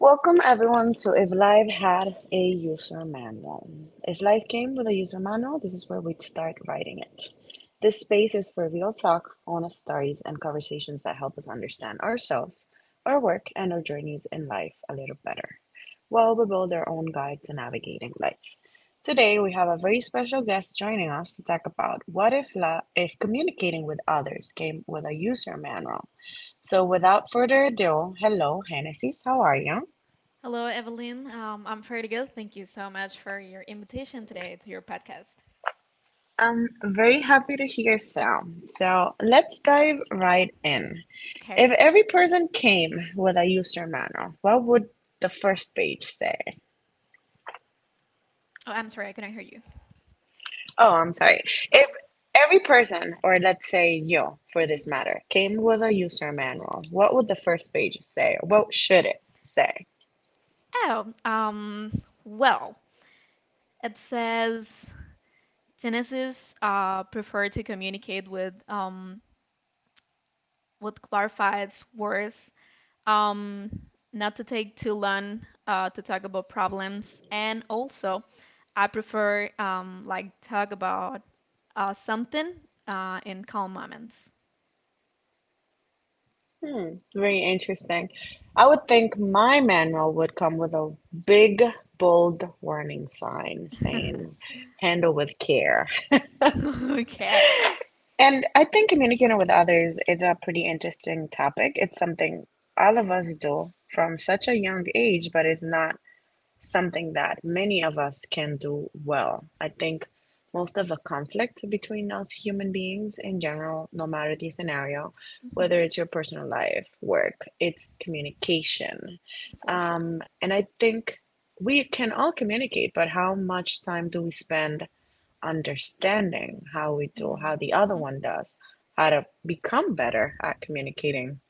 Welcome everyone to If Life Had a User Manual. If life came with a user manual, this is where we'd start writing it. This space is for real talk, honest stories, and conversations that help us understand ourselves, our work, and our journeys in life a little better, while we build our own guide to navigating life. Today, we have a very special guest joining us to talk about what if, if communicating with others came with a user manual. So, without further ado, hello, Hennessy, how are you? Hello, Evelyn. I'm pretty good. Thank you so much for your invitation today to your podcast. I'm very happy to hear so. So let's dive right in. Okay. If every person came with a user manual, what would the first page say? Oh, I'm sorry, I couldn't hear you. Oh, I'm sorry. If Uh-huh. every person, or let's say you for this Mhm. matter, came with a user manual, what would the first page say? What should it say? Oh, um, well, it says Genesis prefer to communicate with what clarifies words, um, not to take too long to talk about problems. And also, I prefer like talk about something in calm moments. Hmm, very interesting. I would think my manual would come with a big, bold warning sign saying, handle with care. Okay. And I think communicating with others is a pretty interesting topic. It's something all of us do from such a young age, but it's not something that many of us can do well. I think most of the conflict between us human beings in general, no matter the scenario, Hmm. whether it's your personal life, work, it's communication. For sure. And I think we can all communicate, but how much time do we spend understanding how we do, how the other Mm-hmm. one does, how to become better at communicating?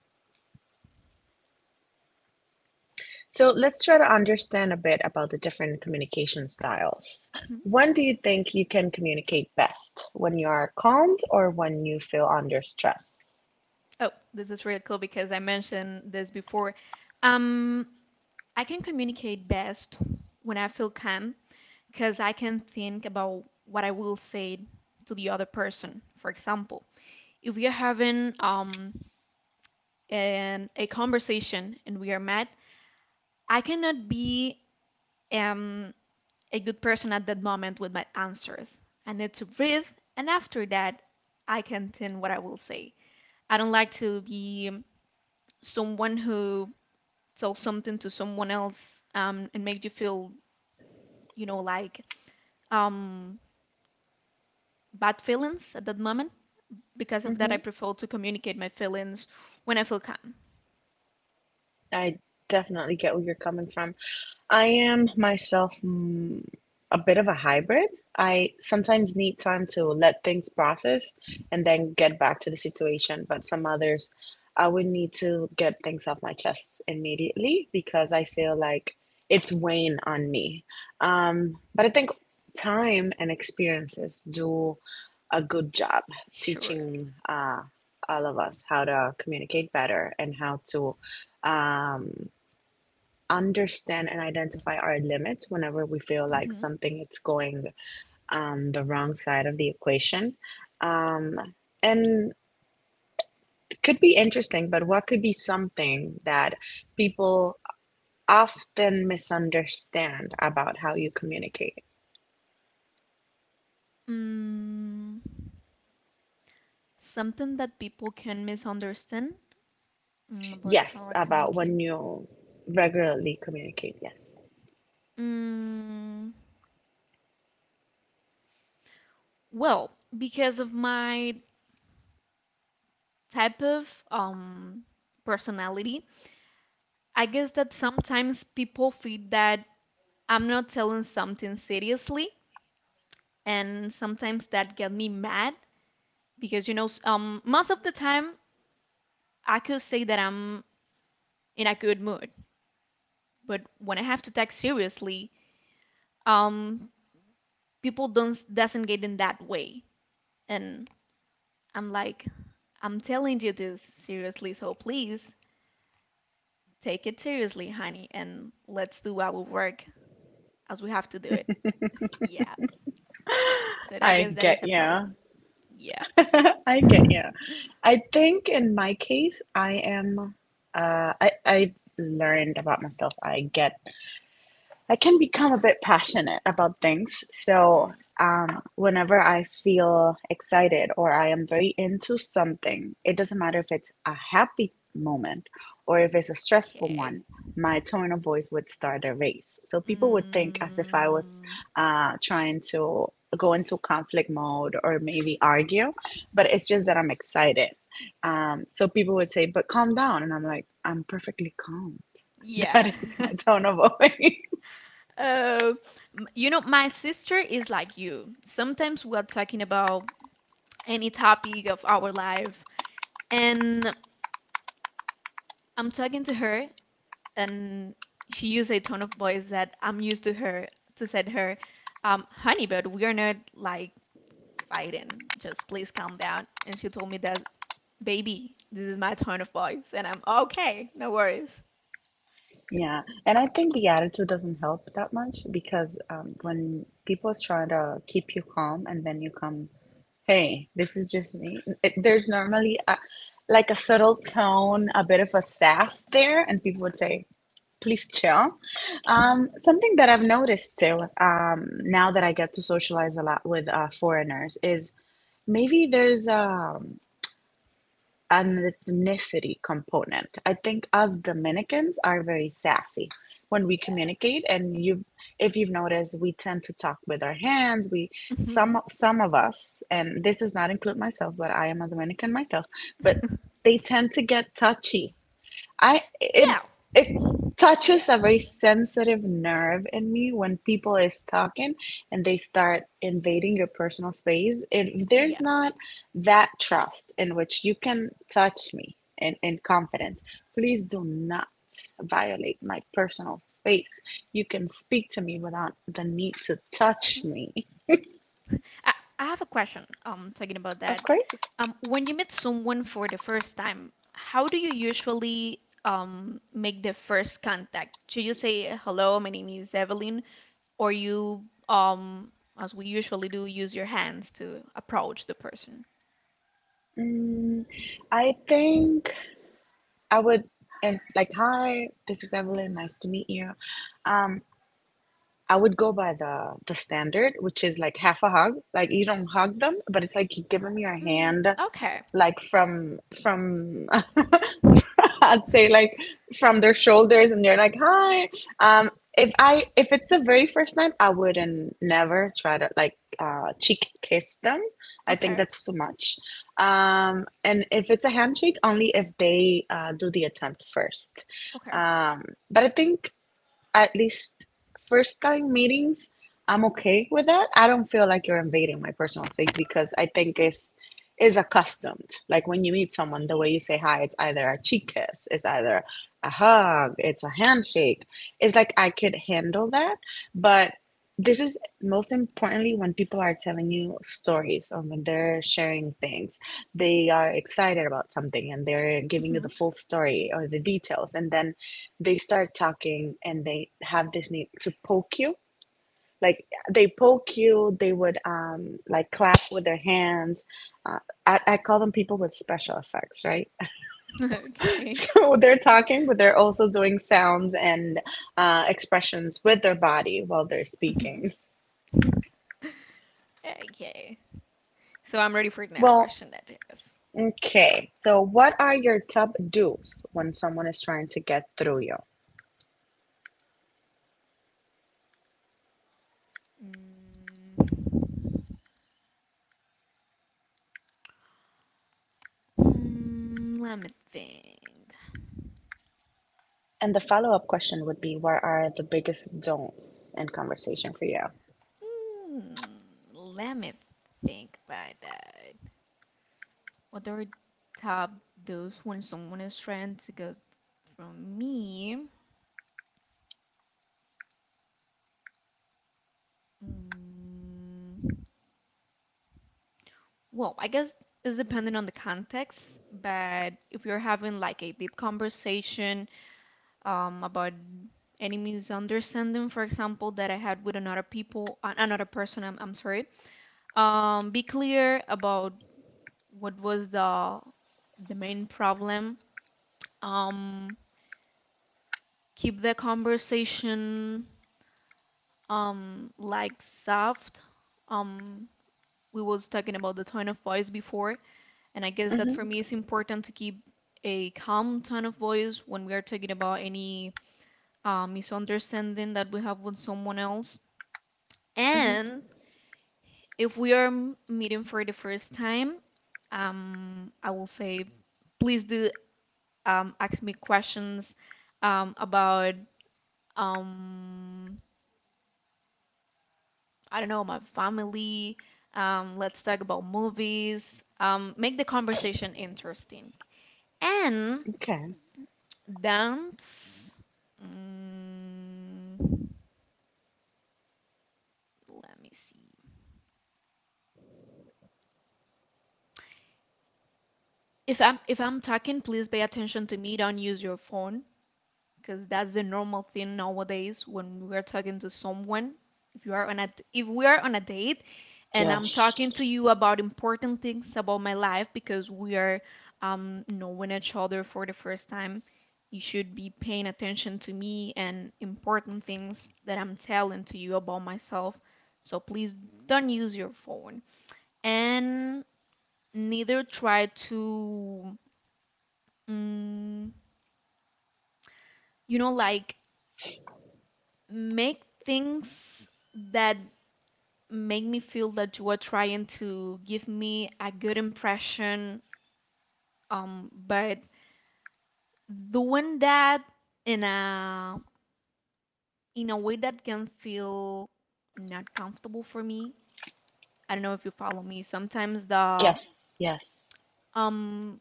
So let's try to understand a bit about the different communication styles. Mm-hmm. When do you think you can communicate best? When you are calmed or when you feel under stress? Oh, this is really cool because I mentioned this before. Um, I can communicate best when I feel calm because I can think about what I will say to the other person, for example. If we are having a conversation and we are mad, I cannot be, um a good person at that moment with my answers. I need to breathe, and after that, I can think what I will say. I don't like to be someone who tells something to someone else and make you feel, you know like um bad feelings at that moment. Because of that, I Hmm, prefer to communicate my feelings when I feel calm. I definitely get where you're coming from. I am myself a bit of a hybrid. I sometimes need time to let things process and then get back to the situation, but some others I would need to get things off my chest immediately because I feel like it's weighing on me. But I think time and experiences do a good job Sure. teaching all of us how to communicate better and how to. Um, understand and identify our limits whenever we feel like Mhm. something it's going the wrong side of the equation, um, and it could be interesting, but what could be something that people often misunderstand about how you communicate? Mm. Something that people can misunderstand? Mm, about how Yes, I about communicate. when you regularly communicate. Yes, Mm, well, because of my type of personality, I guess that sometimes people feel that I'm not telling something seriously, and sometimes that get me mad because most of the time I could say that I'm in a good mood, but when I have to take seriously, um people don't doesn't get in that way, and I'm like I'm telling you this seriously, so please take it seriously, honey, and let's do our work as we have to do it. Yeah. So I I guess that get is a you. problem. Yeah. I get you. I think in my case I am I learned about myself. I get I can become a bit passionate about things. So, whenever I feel excited or I am very into something, it doesn't matter if it's a happy moment or if it's a stressful Okay. one, my tone of voice would start a race. So, people would think as if I was Mm, trying to go into conflict mode or maybe argue, but it's just that I'm excited. So, people would say, but calm down. And I'm like, I'm perfectly calm. yeah. That is my tone of voice. Oh, you know, my sister is like you. Sometimes we're talking about any topic of our life, and I'm talking to her, and she used a tone of voice that I'm used to her to said her, honey, but we are not like fighting. Just please calm down. And she told me that, baby, this is my tone of voice, and I'm okay, no worries. Yeah, and I think the attitude doesn't help that much because when people is trying to keep you calm and then you come, hey, this is just me. It, there's normally a, like a subtle tone, a bit of a sass there, and people would say, please chill. Mhm. Something that I've noticed too, now that I get to socialize a lot with foreigners, is maybe there's a an ethnicity component. I think us Dominicans are very sassy when we Yeah. communicate, and you, if you've noticed, we tend to talk with our hands. We some Mhm. some of us, and this does not include myself, but I am a Dominican myself. But they tend to get touchy. I it Yeah. it Yeah. touches a very sensitive nerve in me when people is talking and they start invading your personal space. If there's Yeah. not that trust in which you can touch me in confidence, please do not violate my personal space. You can speak to me without the need to touch Mhm. me. I, I have a question, talking about Of that. course. When you meet someone for the first time, how do you usually make the first contact? Should you say hello, my name is Evelyn, or you, um, as we usually do, use your hands to approach the person? Mm, I think I would and like hi, this is Evelyn, nice to meet you. Um, I would go by the standard, which is like half a hug. Like you don't hug them, but it's like you give them your Mm, hand, okay, like from I'd say like from their shoulders, and you're like hi. Um, if it's the very first time, I wouldn't never try to like cheek kiss them. I think okay, that's too much. And if it's a handshake, only if they do the attempt first. okay. Um, but I think at least first time meetings, I'm okay with that. I don't feel like you're invading my personal space because I think it's is accustomed. Like when you meet someone, the way you say hi, it's either a cheek kiss, it's either a hug, it's a handshake. It's like I could handle that, but this is most importantly when people are telling you stories or when they're sharing things. They are excited about something and they're giving you Hmm. the full story or the details, and then they start talking and they have this need to poke you, like they poke you, they would like clap with their hands, uh, I call them people with special effects, right? Okay. So they're talking but they're also doing sounds and expressions with their body while they're Hmm. speaking. Okay. So I'm ready for the next Well, question that you have. okay, so what are your top do's when someone is trying to get through you, Mm, hmm, let me think. and the follow-up question would be, what are the biggest don'ts in conversation for you? Hmm, let me think about that. What are top those when someone is trying to get from me? Well, I guess it's dependent on the context, but if you're having like a deep conversation about any misunderstanding, for example, that I had with another person, I'm sorry, be clear about what was the main problem. Um, keep the conversation like soft. Um we was talking about the tone of voice before, and I guess that Hmm. for me it's important to keep a calm tone of voice when we are talking about any misunderstanding that we have with someone else. And if we are meeting for the first time, I will say please do, ask me questions, about, um, I don't know, my family. Let's talk about movies. Make the conversation interesting. And Okay. dance. Mm, let me see. If I'm talking, please pay attention to me. Don't use your phone, because that's the normal thing nowadays when we are talking to someone. If you are on a if we are on a date and I'm talking to Yes. you about important things about my life because we are, knowing each other for the first time, you should be paying attention to me and important things that I'm telling to you about myself. So please don't use your phone and neither try to, mm, you know like make things that make me feel that you are trying to give me a good impression, but doing that in a, way that can feel not comfortable for me. I don't know if you follow me. Sometimes the Yes. Yes. um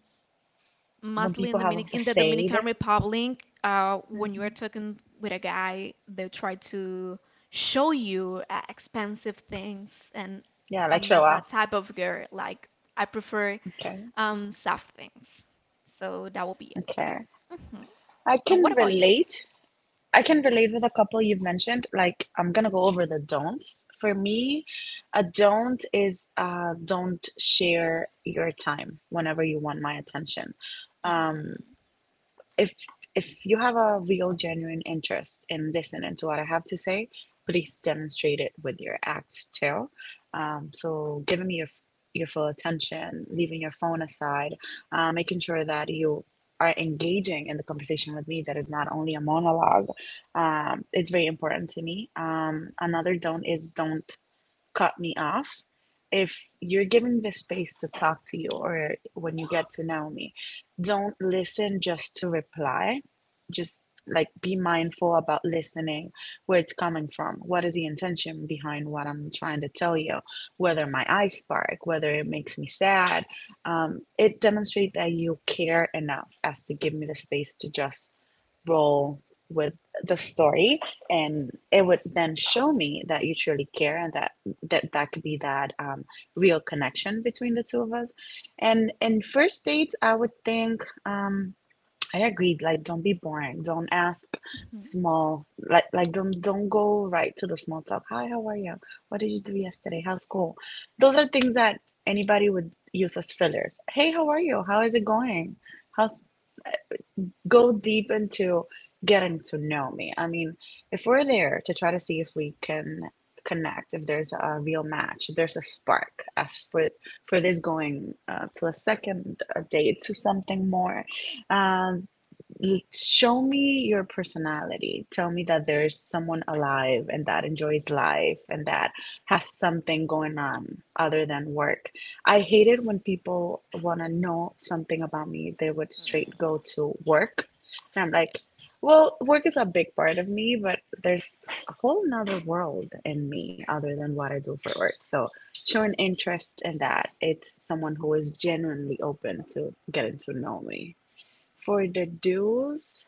When mostly people in have a Dominic in the Dominican facade. Republic, when you are Hmm. talking with a guy, they try to show you expensive things, and Yeah, like I'm show not that off. type of girl. Like I prefer Okay. Soft things. So that will be Okay. it. Hmm. I And can what about you? relate. I can relate with a couple you've mentioned. Like, I'm gonna go over the don'ts. For me, a don't is don't share your time whenever you want my attention. Mm. if if you have a real genuine interest in listening to what I have to say, please demonstrate it with your acts too. So giving me your full attention, leaving your phone aside, making sure that you are engaging in the conversation with me that is not only a monologue, it's very important to me. Um, another don't is don't cut me off. If you're giving the space to talk to you or when you get to know me, don't listen just to reply. Just like be mindful about listening, where it's coming from. What is the intention behind what I'm trying to tell you? Whether my eyes spark, whether it makes me sad, it demonstrates that you care enough as to give me the space to just roll with the story, and it would then show me that you truly care and that that could be that real connection between the two of us. And in first dates I would think, I agreed, like don't be boring, don't ask Mhm. small, like don't go right to the small talk. Hi, how are you, what did you do yesterday, how's school? Those are things that anybody would use as fillers. Hey, how are you, how is it going, how's go deep into getting to know me. I mean, if we're there to try to see if we can connect, if there's a real match, if there's a spark, as for this going to a second a date to something more, um, show me your personality. Tell me that there's someone alive and that enjoys life and that has something going on other than work. I hate it when people want to know something about me. They would straight go to work. And I'm like, well, work is a big part of me, but there's a whole nother world in me other than what I do for work. So show an interest in that. It's someone who is genuinely open to getting to know me. For the do's,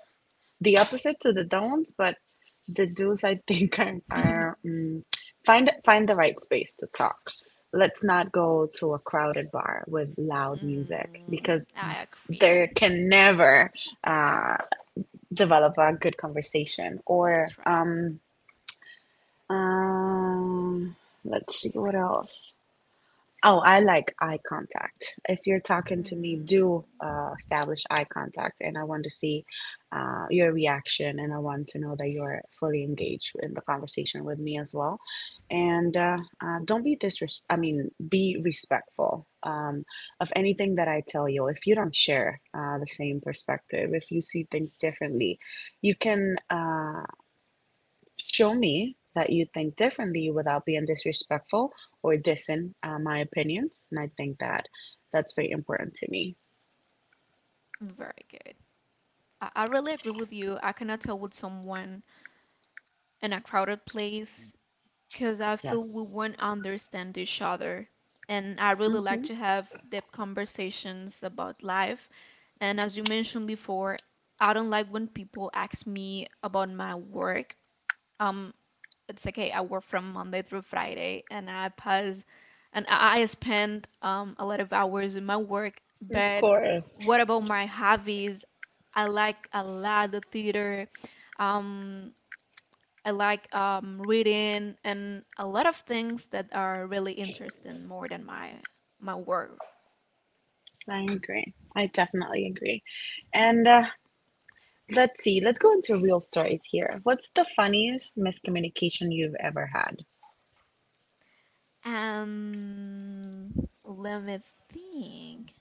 the opposite to the don'ts, but the do's I think Mm. are find the right space to talk. Let's not go to a crowded bar with loud music Mm, because I there agree. can never uh, develop a good conversation. Or That's right. Um, let's see what else. Oh, I like eye contact. If you're talking to me, do Mm. Establish eye contact, and I want to see your reaction, and I want to know that you're fully engaged in the conversation with me as well. And don't be disres- I mean, be respectful of anything that I tell you. If you don't share the same perspective, if you see things differently, you can. Show me that you think differently without being disrespectful or dissing my opinions. And I think that that's very important to me. Very good. I really agree with you. I cannot tell with someone in a crowded place because I feel we Yes. won't understand each other. And I really like Hmm. to have deep conversations about life. And as you mentioned before, I don't like when people ask me about my work. Um, it's okay, I work from Monday through Friday and I pass and I spend, a lot of hours in my work, Of but course. what about my hobbies? I like a lot the theater. Um, I like, reading and a lot of things that are really interesting more than my work. I agree. I definitely agree. And Let's see, let's go into real stories here. What's the funniest miscommunication you've ever had? And let me think.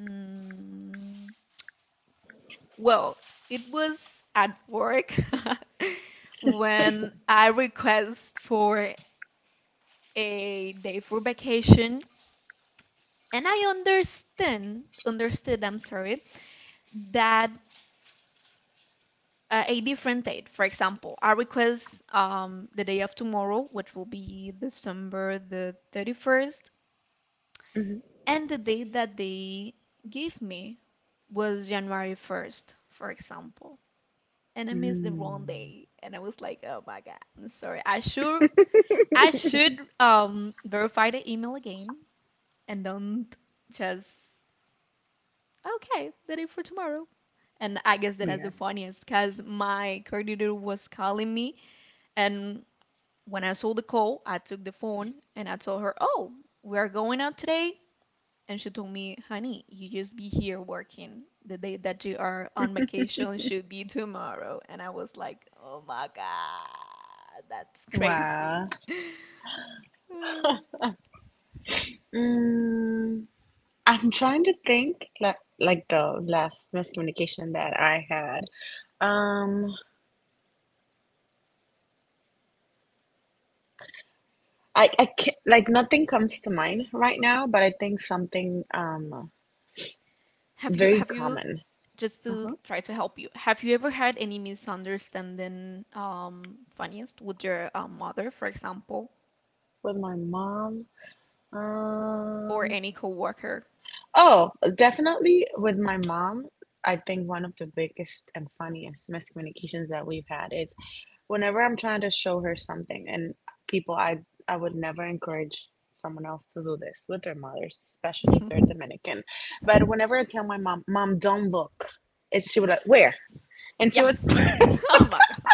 Mm, well, it was at work when I request for a day for vacation, and I understand understood, I'm sorry, that a different date. For example, I request, the day of tomorrow, which will be December the 31st, Hmm. and the date that they gave me was January 1st, for example. And I missed the wrong Mm. day, and I was like, "Oh my God, I'm sorry. I should, verify the email again, and don't just okay, the day for tomorrow." And I guess that is the Yes. funniest, cause my coordinator was calling me, and when I saw the call, I took the phone and I told her, "Oh, we are going out today." And she told me, "Honey, you just be here working. The day that you are on vacation should be tomorrow." And I was like, "Oh my God, that's crazy." Wow. Um, Mm. I'm trying to think like the last miscommunication that I had. Um, I can't, like nothing comes to mind right now, but I think something Have you very have you common. just to Uh-huh. try to help you? Have you ever had any misunderstanding funniest with your, mother, for example, With my mom. or Um, any coworker? Oh, definitely with my mom. I think one of the biggest and funniest miscommunications that we've had is whenever I'm trying to show her something, and people, I would never encourage someone else to do this with their mothers, especially if they're Dominican. But whenever I tell my mom, "Mom, don't look," and she would like, "Where?" and she Yeah. would Oh my God.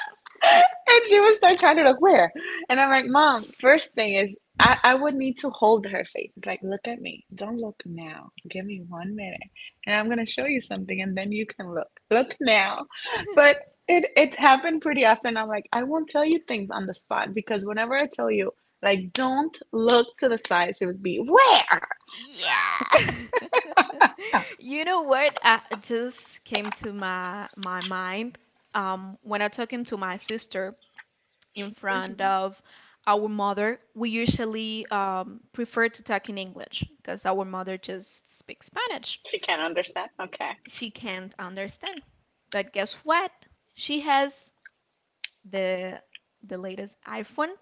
and she would start trying to look where. And I'm like, Mom, first thing is I would need to hold her face. It's like, look at me. Don't look now. Give me 1 minute. And I'm gonna show you something and then you can look. Look now. But it's happened pretty often. I'm like, I won't tell you things on the spot because whenever I tell you, like, don't look to the side, she would be where? Yeah. You know what just came to my mind, when I talking to my sister in front Hmm. of our mother, we usually, prefer to talk in English because our mother just speaks Spanish. She can't understand. Okay. She can't understand. But guess what? She has the the latest iPhone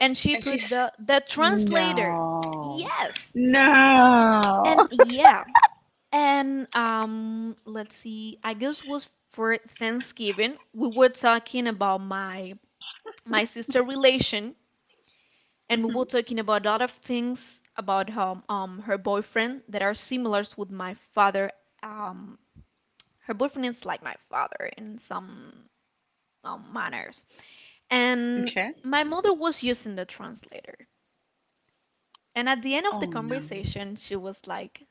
and she And put she's the translator. no. Yes. No. And yeah, and let's see, I guess was for Thanksgiving. We were talking about my sister relation, and we Mhm. were talking about a lot of things about her her boyfriend that are similar with my father. Um, her boyfriend is like my father in some, manners, and Okay. my mother was using the translator. And at the end of the Oh no. conversation, she was like,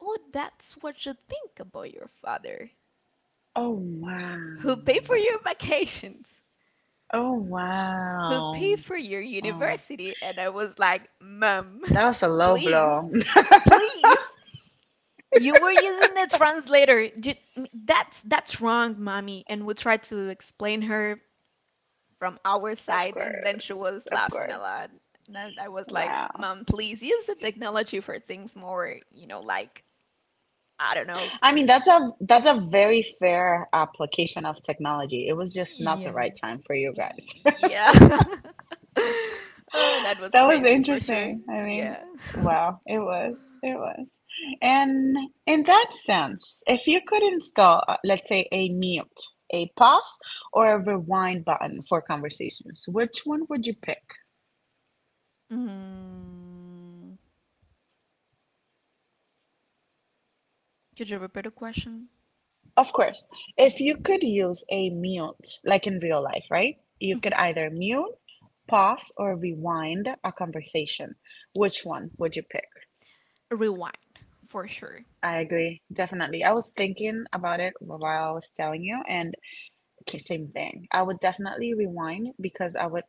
"Oh, that's what you think about your father, Oh wow. who pay for your vacations, Oh who pay wow. for your Oh, university?" And I was like, Mom, that was a low please, blow. please. You were using the translator. That's wrong, mommy. And we tried to explain her from our Of side, and then she course. was Of laughing a course. lot. And I was like, Wow. Mom, please use the technology for things more, you know, like I don't know, I mean, for that's a very fair application of technology. It was just not the right time for you y- guys. yeah. Oh, that was That was crazy for sure. interesting. I mean, Yeah. wow, it was. It was. And in that sense, if you could install, let's say, a mute, a pause, or a rewind button for conversations, which one would you pick? Mm. Could you repeat the question? Of course, if you Mm. could use a mute, like in real life, right? You could Mhm. either mute, pause, or rewind a conversation. Which one would you pick? Rewind, for sure. I agree, definitely. I was thinking about it while I was telling you, and same thing. I would definitely rewind because I would,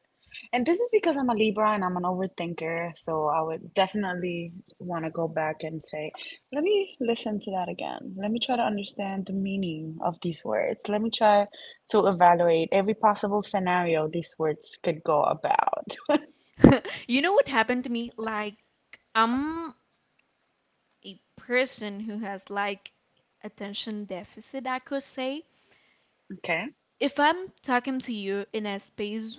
and this is because I'm a Libra and I'm an overthinker, so I would definitely want to go back and say, let me listen to that again. Let me try to understand the meaning of these words. Let me try to evaluate every possible scenario these words could go about. You know what happened to me? Like, I'm a person who has like attention deficit, I could say. Okay, If I'm talking to you in a space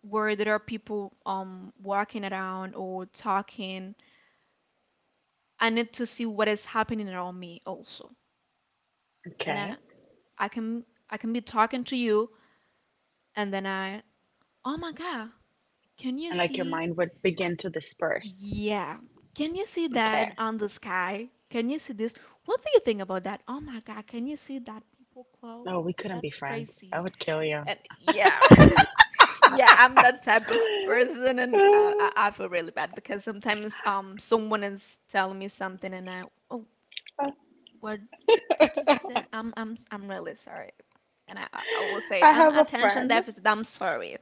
where there are people walking around or talking, I need to see what is happening around me also. And okay. I can I can be talking to you and then I, oh my God, can you And like your see mind would begin to disperse. Yeah. Can you see Okay. that on the sky? Can you see this? What do you think about that? Oh my God, can you see that people cloud? No, we couldn't be That's friends. I crazy. would kill you. And yeah, yeah, I'm that type of person, and I feel really bad because sometimes someone is telling me something, and I, oh, what did you say? I'm really sorry, and I will say it. I I'm have a attention friend. deficit. I'm sorry.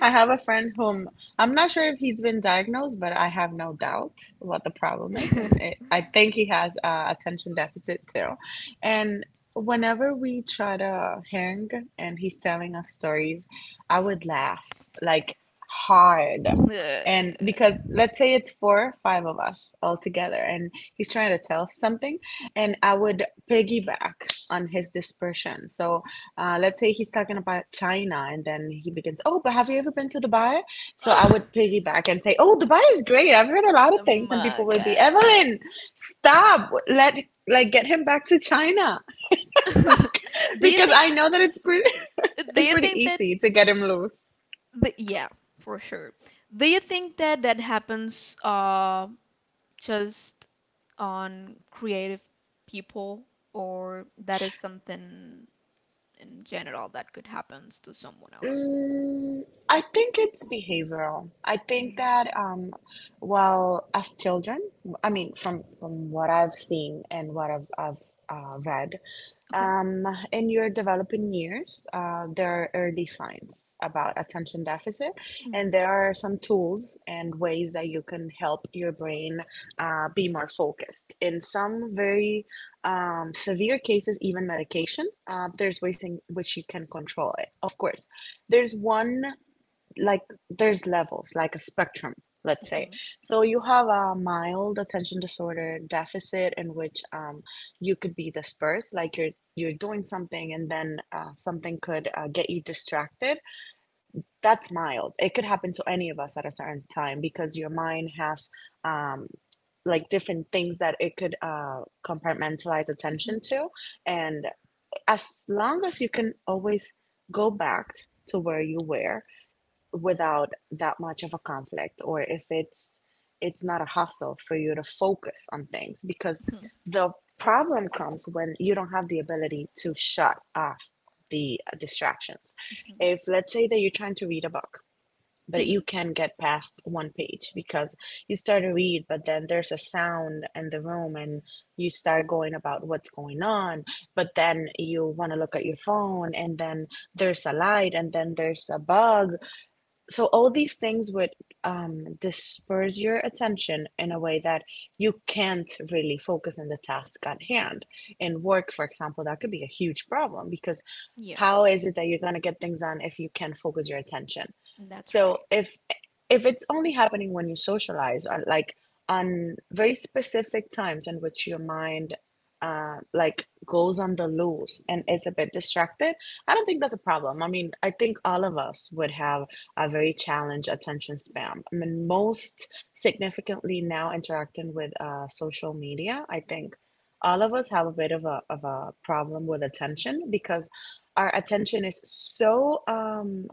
I have a friend whom I'm not sure if he's been diagnosed, but I have no doubt what the problem is, and it, I think he has attention deficit too. And whenever we try to hang and he's telling us stories, I would laugh like hard, Ugh. and because let's say it's four or five of us all together, and he's trying to tell something, and I would piggyback on his dispersion. So let's say he's talking about China, and then he begins, "Oh, but have you ever been to Dubai?" So I would piggyback and say, "Oh, Dubai is great. I've heard a lot of Oh things." And my people would be, God. "Evelyn, stop! Let like get him back to China Do you because think I know that it's pretty do it's you pretty think that easy to get him loose." the yeah, for sure. Do you think that that happens, just on creative people, or that is something in general that could happen to someone else? Mm, I think it's behavioral. I think that, Mm. Well, as children, I mean, from what I've seen and what I've read, Okay. um, in your developing years, there are early signs about attention deficit, and Mm. there are some tools and ways that you can help your brain be more focused. In some very severe cases, even medication, there's ways in which you can control it. Of course there's one, like there's levels like a spectrum, let's say, Mhm. so you have a mild attention disorder deficit in which you could be dispersed, like you're doing something and then something could get you distracted. That's mild. It could happen to any of us at a certain time because your mind has um, like different things that it could compartmentalize Mhm. attention to. And as long as you can always go back to where you were without that much of a conflict, or if it's not a hustle for you to focus on things, because Mhm. the problem comes when you don't have the ability to shut off the distractions. Mhm. If let's say that you're trying to read a book but you Mhm. can not get past one page because you start to read, but then there's a sound in the room and you start going about what's going on, but then you want to look at your phone, and then there's a light and then there's a bug, so all these things would disperse your attention in a way that you can't really focus on the task at hand. In work, for example, that could be a huge problem because Yeah, how is it that you're going to get things done if you can't focus your attention? that's So right. if it's only happening when you socialize, or like on very specific times in which your mind like goes on the loose and is a bit distracted, I don't think that's a problem. I mean, I think all of us would have a very challenged attention span. I mean, most significantly now interacting with social media, I think all of us have a bit of a problem with attention because our attention is so um,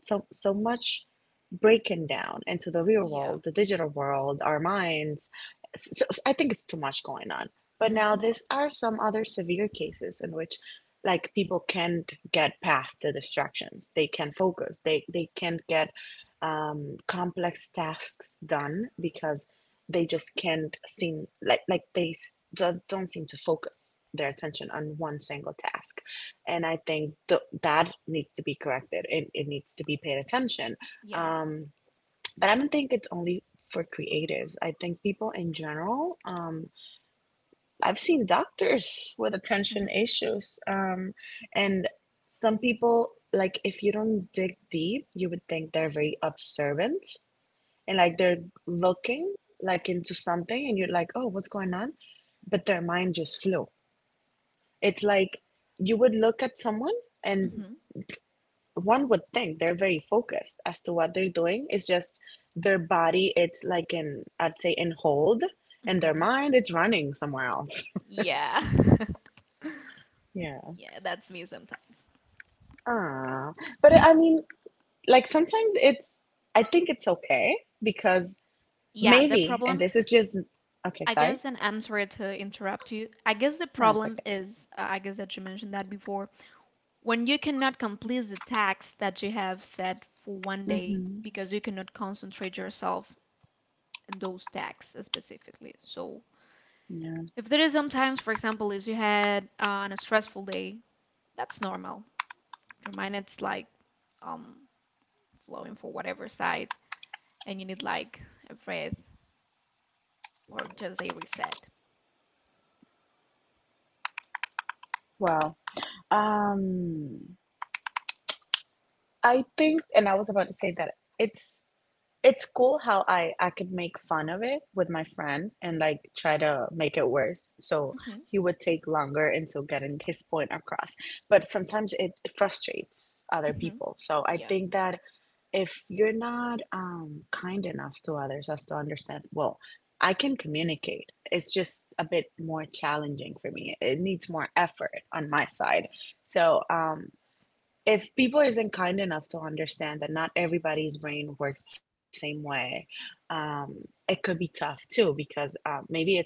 so so much breaking down into the real Yeah. world, the digital world, our minds. So I think it's too much going on. But now Mhm. there are some other severe cases in which like people can't get past the distractions. They can focus. They can't get complex tasks done because they just can't seem like they don't seem to focus their attention on one single task, and I think that needs to be corrected. It needs to be paid attention. Yeah. Um, but I don't think it's only for creatives. I think people in general. I've seen doctors with attention Mhm. issues, and some people, like if you don't dig deep, you would think they're very observant and like they're looking like into something, and you're like, oh, what's going on? But their mind just flew. It's like you would look at someone. And Mhm. one would think they're very focused as to what they're doing. It's just their body, it's like in, I'd say, in hold, and their Mhm. mind, it's running somewhere else. Yeah. Yeah. Yeah, that's me sometimes. Ah. But I mean, like sometimes it's, I think it's okay because Yeah, the maybe, and problem, this is just, okay, I sorry. guess, and I'm sorry to interrupt you. I guess the No, it's problem okay. is, I guess that you mentioned that before, when you cannot complete the tasks that you have set for one day Hmm. because you cannot concentrate yourself in those tasks specifically. So, Yeah. if there is sometimes, for example, if you had on a stressful day, that's normal. Your mind it's like um flowing for whatever side, and you need like a breath or just a reset. Well, Um, I think, and I was about to say that it's it's cool how I could make fun of it with my friend and like try to make it worse. So Hmm. he would take longer until getting his point across. But sometimes it frustrates other Hmm. people. So I Yeah. think that if you're not kind enough to others as to understand, well, I can communicate. It's just a bit more challenging for me. It needs more effort on my side. So if people isn't kind enough to understand that not everybody's brain works the same way, um, it could be tough too because maybe it's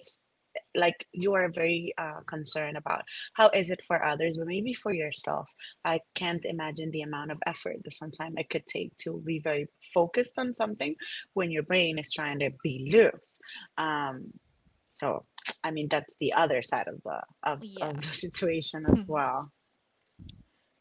like you are very concerned about how is it for others, but maybe for yourself, I can't imagine the amount of effort that sometimes it could take to be very focused on something when your brain is trying to be loose. Um, so, I mean, that's the other side of the of Yeah. the situation as Mhm. well.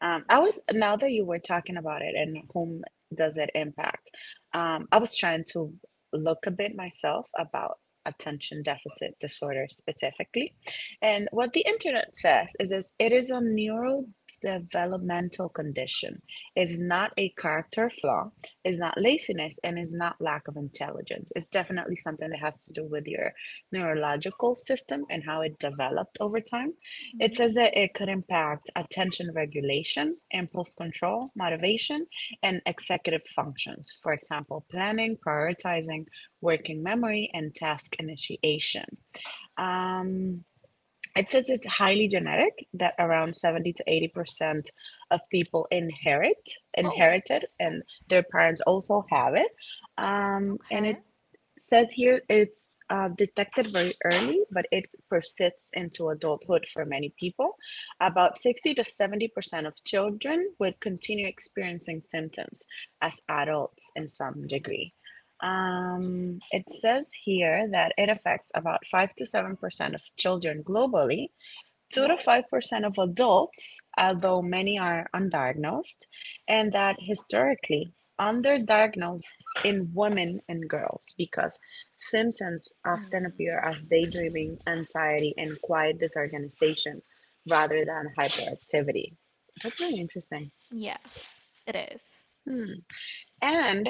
I was, That's right. now that you were talking about it and whom does it impact? I was trying to look a bit myself about attention deficit disorder specifically, and what the internet says is, it is a neurodevelopmental condition. It's not a character flaw. It's not laziness, and it's not lack of intelligence. It's definitely something that has to do with your neurological system and how it developed over time. It says that Mm. it could impact attention regulation, impulse control, motivation, and executive functions. For example, planning, prioritizing, working memory, and task initiation. Um, it says it's highly genetic, that around 70 to 80% of people Oh, inherited, and their parents also have it. And okay. it says here it's detected very early, but it persists into adulthood for many people. About 60 to 70% of children would continue experiencing symptoms as adults in some degree. It says here that it affects about 5 to 7% of children globally, two to Whoa. five percent of adults, although many Mm. are undiagnosed, and that historically underdiagnosed in women and girls because symptoms often appear as Mm. daydreaming, anxiety, and quiet disorganization rather than hyperactivity. That's really interesting. Yeah, it is. Hmm. And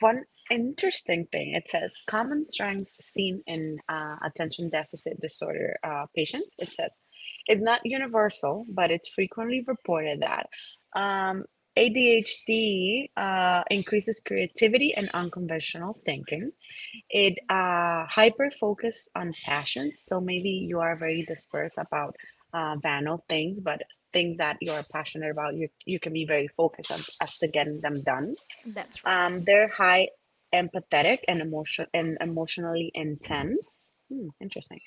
one interesting thing, it says common strengths seen in attention deficit disorder patients. It says it's not universal, but it's frequently reported that um, ADHD increases creativity and unconventional thinking. It hyper focuses on passions. So maybe you are very dispersed about banal things, but things that you are passionate about, you can be very focused on, as to getting them done That's right. They're high empathetic and emotionally intense. Interesting.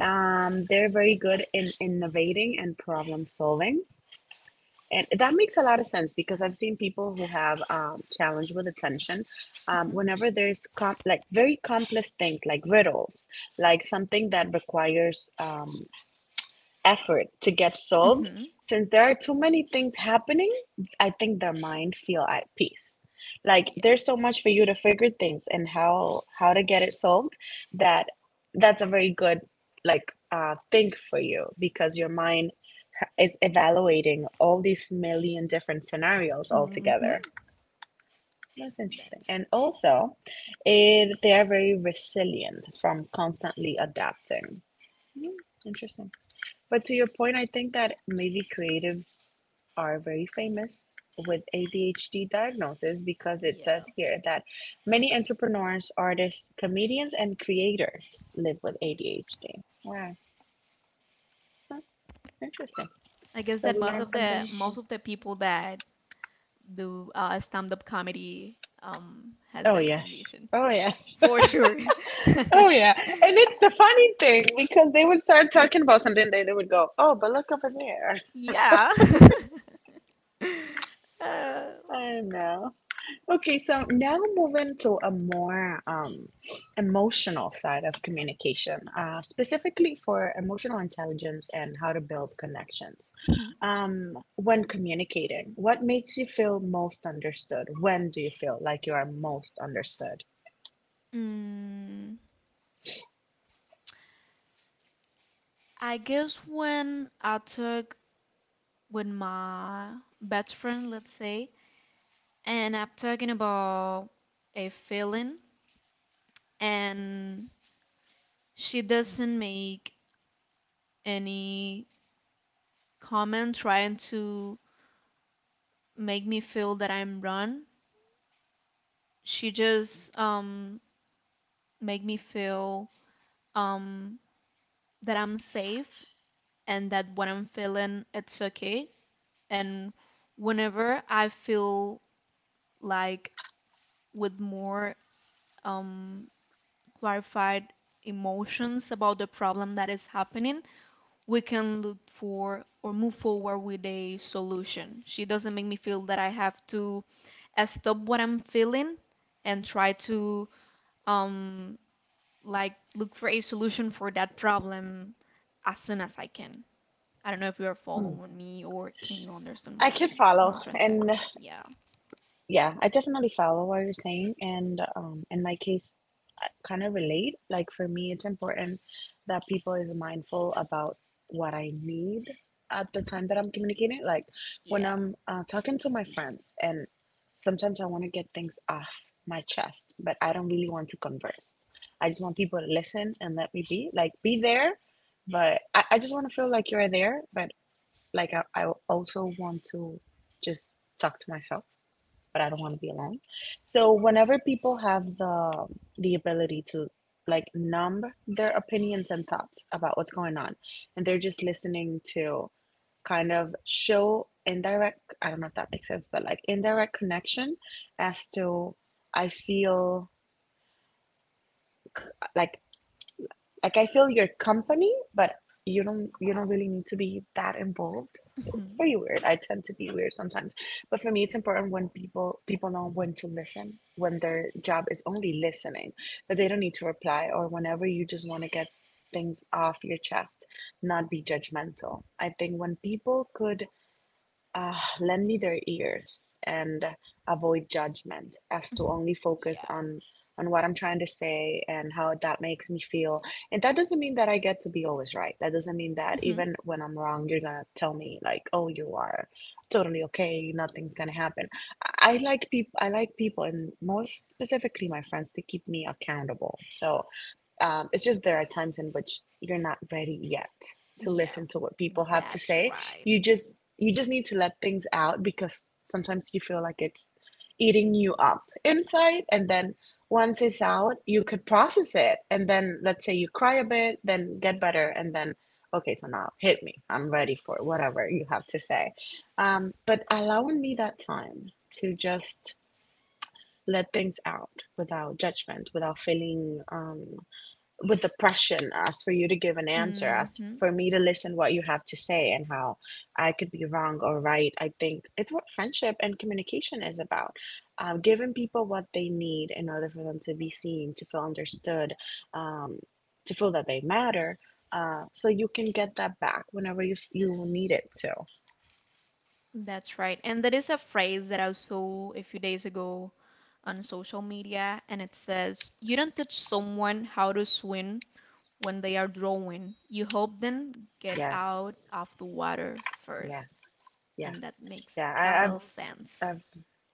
They're very good in innovating and problem solving. And that makes a lot of sense because I've seen people who have challenge with attention. Mm-hmm. Whenever there's like very complex things like riddles, like something that requires effort to get solved, Mm-hmm. since there are too many things happening, I think their mind feel at peace. Like Yeah. there's so much for you to figure things and how to get it solved that that's a very good like thing for you because your mind is evaluating all these million different scenarios Mm-hmm. altogether. That's interesting. That's And right. also, they are very resilient from constantly adapting. Hmm, Interesting. But to your point, I think that maybe creatives are very famous with ADHD diagnosis because it says Yeah. here that many entrepreneurs, artists, comedians, and creators live with ADHD. Wow, Huh, Yeah. interesting. I guess So that we most learned of the something. most of the people that do stand-up comedy has Oh that yes. condition. Oh Yeah, yes. for sure. Oh yeah. And it's the funny thing because they would start talking about something, they would go, "Oh, but look over there." Yeah. Uh, I know. Okay, so now moving to a more emotional side of communication, specifically for emotional intelligence and how to build connections. mhm. When communicating, what makes you feel most understood? When do you feel like you are most understood? Mm. I guess when I talk with my best friend, let's say, and I'm talking about a feeling, and she doesn't make any comment trying to make me feel that I'm wrong. She just make me feel um that I'm safe and that what I'm feeling it's okay. And whenever I feel like with more um clarified emotions about the problem that is happening, we can look for or move forward with a solution. She doesn't make me feel that I have to stop what I'm feeling and try to um like look for a solution for that problem as soon as I can. I don't know if you are Hmm. following me or can you understand I what can I'm what follow. I'm trying to say. And yeah, I definitely follow what you're saying, and in my case, I kind of relate. Like for me, it's important that people is mindful about what I need at the time that I'm communicating. Like when Yeah. I'm talking to my friends, and sometimes I want to get things off my chest, but I don't really want to converse. I just want people to listen and let me be, like be there, but I just want to feel like you're there, but like I also want to just talk to myself but I don't want to be alone. So whenever people have the ability to like numb their opinions and thoughts about what's going on, and they're just listening to kind of show indirect, I don't know if that makes sense, but like indirect connection as to I feel like like I feel your company, but you don't really need to be that involved. It's Mhm. pretty weird. I tend to be weird sometimes. But for me it's important when people know when to listen, when their job is only listening, that they don't need to reply or whenever you just want to get things off your chest, not be judgmental. I think when people could uh, lend me their ears and avoid judgment as to Mhm. only focus Yeah. On what I'm trying to say and how that makes me feel. And that doesn't mean that I get to be always right. That doesn't mean that Mhm. even when I'm wrong, you're gonna tell me like, "Oh, you are totally okay. Nothing's gonna happen." I like people. I like people, and more specifically, my friends, to keep me accountable. So it's just there are times in which you're not ready yet to Yeah. listen to what people have to That's say. right. You just need to let things out because sometimes you feel like it's eating you up inside, and then once it's out you could process it, and then let's say you cry a bit, then get better, and then okay, so now hit me, I'm ready for whatever you have to say. But allowing me that time to just let things out without judgment, without feeling with the pressure as for you to give an answer, as Hmm. for me to listen what you have to say and how I could be wrong or right. I think it's what friendship and communication is about. Giving people what they need in order for them to be seen, to feel understood, um, to feel that they matter. So you can get that back whenever you need it to. That's right. And there is a phrase that I saw a few days ago on social media, and it says, "You don't teach someone how to swim when they are drowning. You help them Yes, get out of the water yes, first." And yes. that Yeah, makes I've total sense. I've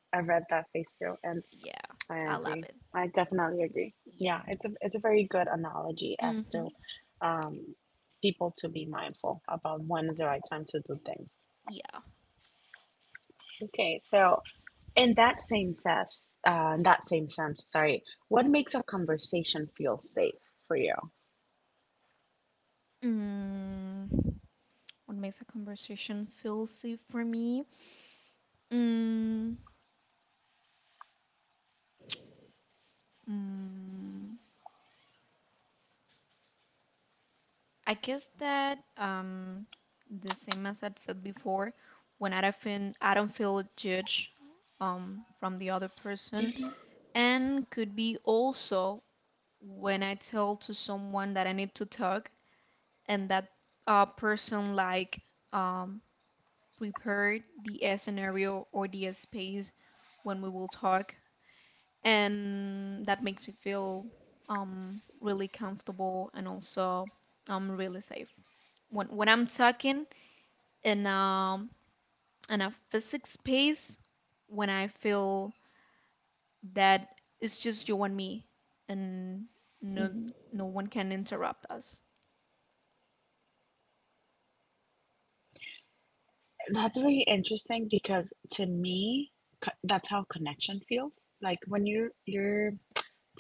I've read that face too, and. Yeah, I I love agree. it. I definitely agree. Yeah. Yeah, it's a very good analogy as Mm-hmm. to um, people to be mindful about when is the right time to do things. Yeah. Okay, so in that same sense, sorry, what makes a conversation feel safe for you? Mm. What makes a conversation feel safe for me? Mm. Mm. I guess that the same as I said before, when I don't feel judged from the other person, and could be also when I tell to someone that I need to talk, and that person like um, prepared the scenario or the space when we will talk, and that makes me feel really comfortable and also really safe. When I'm talking in um in a physics space, when I feel that it's just you and me, and no Hmm. no one can interrupt us. That's really interesting because to me, that's how connection feels. Like when you're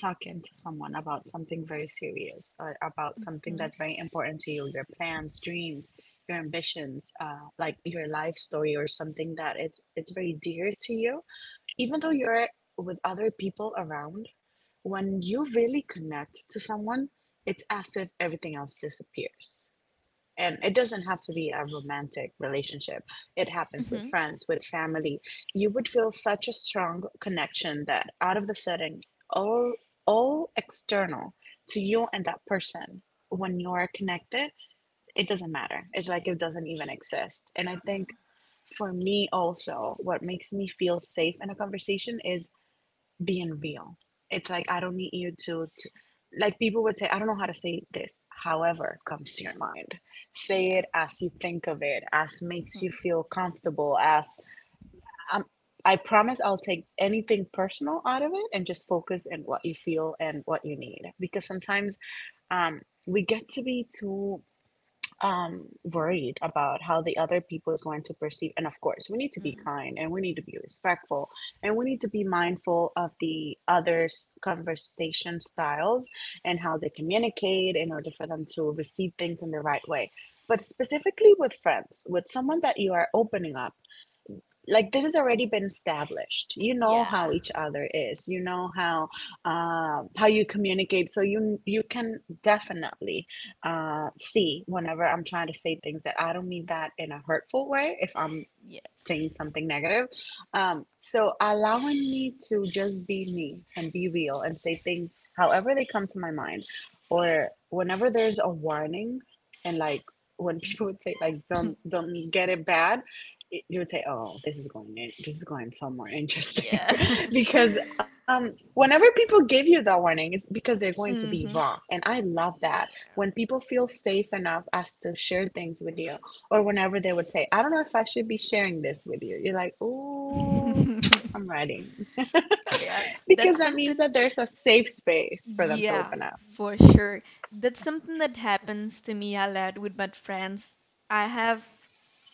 talking to someone about something very serious or about something Mm-hmm. that's very important to you, your plans, dreams, your ambitions, like your life story or something that it's very dear to you, even though you're with other people around, when you really connect to someone it's as if everything else disappears, and it doesn't have to be a romantic relationship. It happens with Mm-hmm. friends, with family. You would feel such a strong connection that out of the sudden, all all external to you and that person, when you're connected, it doesn't matter, it's like it doesn't even exist. And I Mm. think for me also what makes me feel safe in a conversation is being real. It's like I don't need to like people would say, I don't know how to say this. However, comes to your mind, say Yeah. it as you think of it, as makes you Mm. feel comfortable. As um, I promise, I'll take anything personal out of it and just focus on what you feel and what you need. Because sometimes um, we get to be too worried about how the other people is going to perceive, and of course we need to be Mm. kind and we need to be respectful and we need to be mindful of the others conversation styles and how they communicate in order for them to receive things in the right way. But specifically with friends, with someone that you are opening up, like this has already been established, you know Yeah. how each other is, you know how you communicate, so you can definitely see whenever I'm trying to say things that I don't mean that in a hurtful way, if I'm saying something negative. So allowing me to just be me and be real and say things however they come to my mind, or whenever there's a warning, and like when people would say like Yeah. Don't get it bad, you would say, oh, this is going in, this is going somewhere interesting, Yeah. because whenever people give you that warning, it's because they're going to be Mm-hmm. wrong, and I love that when people feel safe enough as to share things with you, or whenever they would say, I don't know if I should be sharing this with you. You're like, ooh, Yeah. I'm ready. Yeah, Because that's that means something. that there's a safe space for them to Yeah, open up. for sure. That's something that happens to me a lot with my friends. I have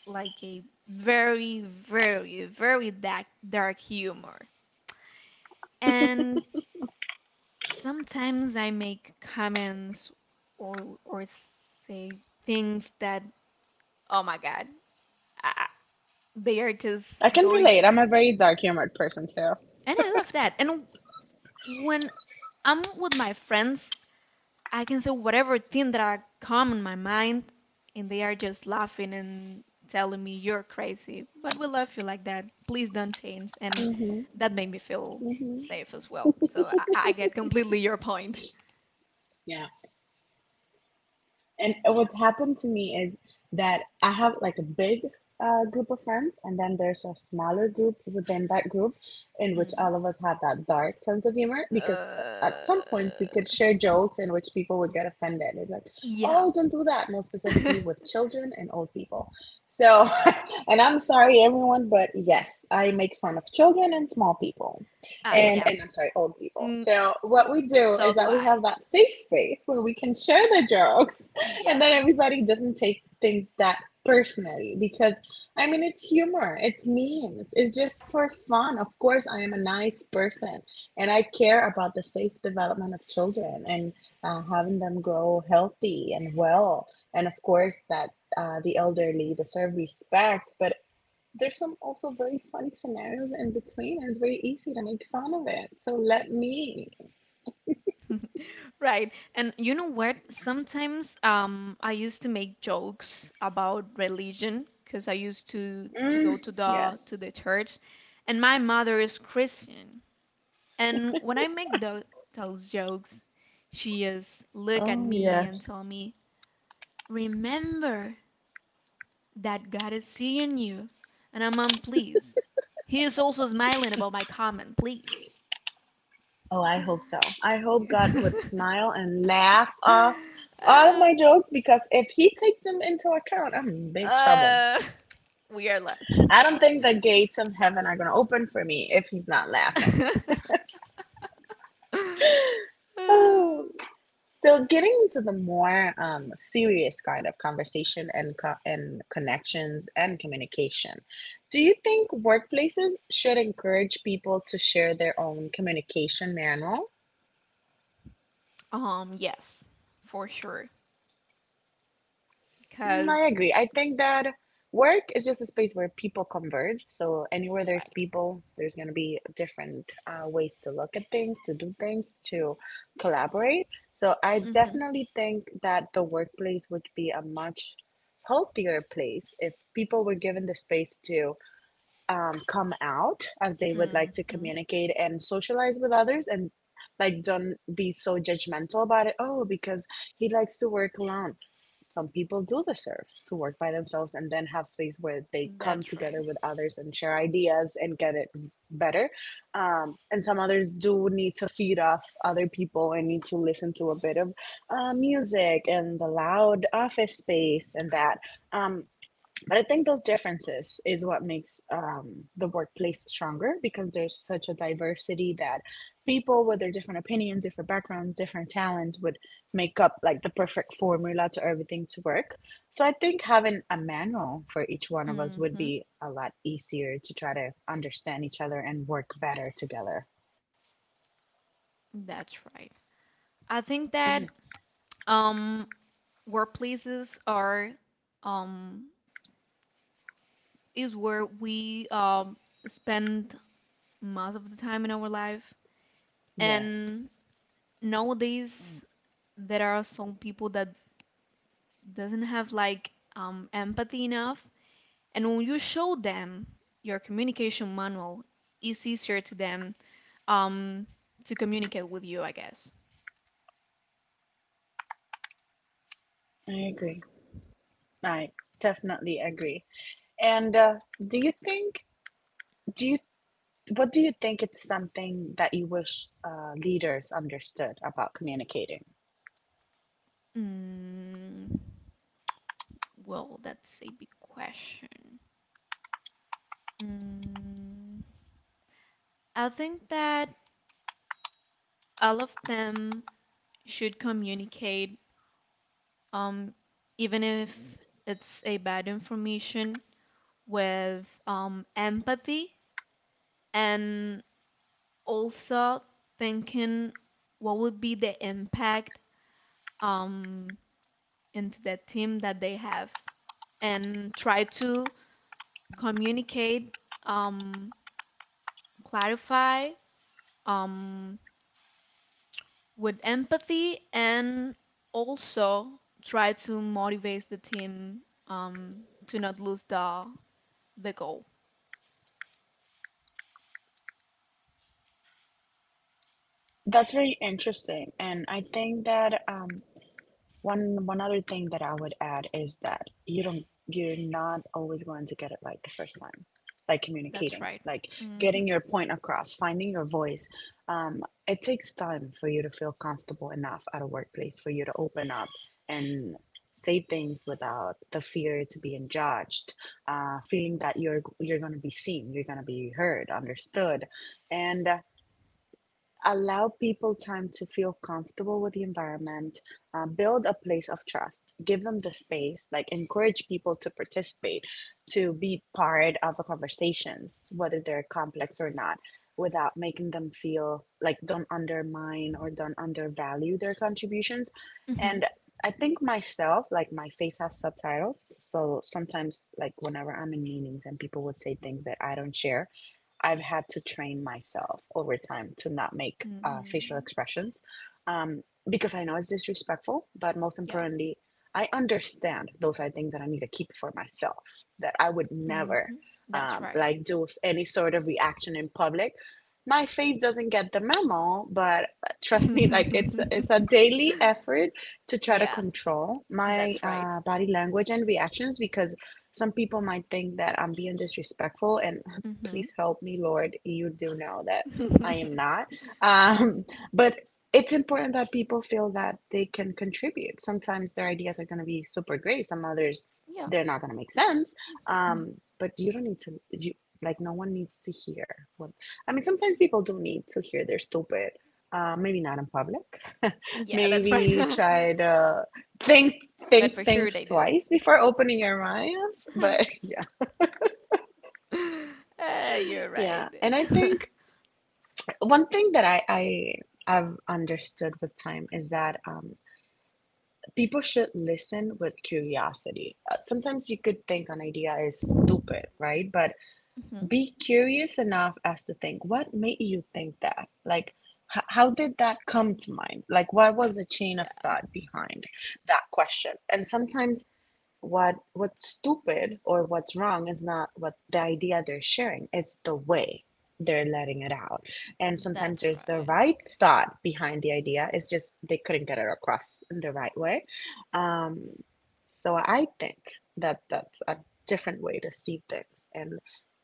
like a very, very, very dark, dark humor. And sometimes I make comments or say things that, oh my God, I, I- they are just I can going, relate. I'm a very dark humored person too. and I love that. And when I'm with my friends, I can say whatever thing that I come in my mind, and they are just laughing and telling me, "You're crazy. But we love you like that. Please don't change." And that made me feel safe as well. So I get completely your point. Yeah. And what's happened to me is that I have like a big group of friends, and then there's a smaller group within that group in which Mm. all of us have that dark sense of humor because at Uh, some point we could share jokes in which people would get offended. It's like, yeah. oh, don't do that, more specifically with children and old people. So, and I'm sorry, everyone, but yes, I make fun of children and small people Ah, and yeah. I'm sorry, old people. Mm, So what we do so is do that we I. have that safe space where we can share the jokes, and then Yeah. everybody doesn't take things that personally because I mean, it's humor, it's memes, it's just for fun. Of course, I am a nice person and I care about the safe development of children and having them grow healthy and well, and of course that the elderly deserve respect, but. There's some also very funny scenarios in between, and it's very easy to make fun of it. So let me. Right. And you know what? Sometimes I used to make jokes about religion because I used to Mm, go to the to yes. the church, and my mother is Christian. And when I make those jokes, she just look at Oh, me and tell yes. me, "Remember that God is seeing you." And I'm, "Mom, please." He is also smiling about my comment, please. Oh, I hope so. I hope God Yeah. would smile and laugh off all of Uh, my jokes because if He takes them into account, I'm in big trouble. Uh, we are less. I don't think the gates of heaven are going to open for me if He's not laughing. Oh. So, getting into the more serious kind of conversation and connections and communication, do you think workplaces should encourage people to share their own communication manual? Yes, for sure. Mm, I Cause agree. I think that work is just a space where people converge. So anywhere there's right. people, there's going to be different ways to look at things, to do things, to collaborate. So I Mhm. definitely think that the workplace would be a much healthier place if people were given the space to come out as they would like to Mhm. communicate and socialize with others and like don't be so judgmental about it oh because he likes to work alone. Some people do deserve to work by themselves and then have space where they come That's right. together with others and share ideas and get it better. And some others do need to feed off other people and need to listen to a bit of music and the loud office space and that um, but I think those differences is what makes the workplace stronger, because there's such a diversity that people with their different opinions, different backgrounds, different talents would make up like the perfect formula to everything to work. So I think having a manual for each one of us would Mhm. be a lot easier to try to understand each other and work better together. That's right. I think that um workplaces are um is where we spend most of the time in our life. Yes, And nowadays there are some people that doesn't have like empathy enough. And when you show them your communication manual, it's easier to them um, to communicate with you, I guess. I agree. I definitely agree. And do you think do you What do you think it's something that you wish leaders understood about communicating? Mm, well, that's a big question. Mm, I think that all of them should communicate, um, even if it's a bad information, with empathy and also thinking what would be the impact um, into the team that they have and try to communicate, um, clarify um, with empathy and also try to motivate the team to not lose the goal. That's very interesting. And I think that one other thing that I would add is that you're not always going to get it right the first time. Like That's communicating, right. like Mm-hmm. getting your point across, finding your voice. Um, it takes time for you to feel comfortable enough at a workplace for you to open up and say things without the fear to being judged, feeling that you're going to be seen, you're going to be heard, understood, and allow people time to feel comfortable with the environment, build a place of trust, give them the space, like encourage people to participate, to be part of the conversations whether they're complex or not, without making them feel like don't undermine or don't undervalue their contributions. Mm-hmm. And I think myself, like my face has subtitles, so sometimes like whenever I'm in meetings and people would say things that I don't share, I've had to train myself over time to not make facial Mm-hmm. expressions um, because I know it's disrespectful, but most Yeah. importantly, I understand those are things that I need to keep for myself, that I would never Mm-hmm. That's right. like do any sort of reaction in public. My face doesn't get the memo, but trust me, like it's it's a daily effort to try to Yeah. control my body language and reactions, because some people might think that I'm being disrespectful, and Mm-hmm. please help me Lord, you do know that I am not um, but it's important that people feel that they can contribute. Sometimes their ideas are going to be super great, some others Yeah, they're not going to make sense. But you don't need to you like no one needs to hear what, I mean, sometimes people do not need to hear they're stupid. Maybe not in public. yeah, that's right. Maybe try to think But for think sure things they did. twice before opening your minds, but yeah. You're right. Yeah, and I think one thing that I've understood with time is that people should listen with curiosity. Sometimes you could think an idea is stupid, right? But Hmm. be curious enough as to think what made you think that. Like, how did that come to mind? Like, what was the chain of Yeah, thought behind that question? And sometimes what's stupid or what's wrong is not what the idea they're sharing, it's the way they're letting it out. And sometimes that's there's the right. right thought behind the idea, it's just they couldn't get it across in the right way. um, so I think that that's a different way to see things, and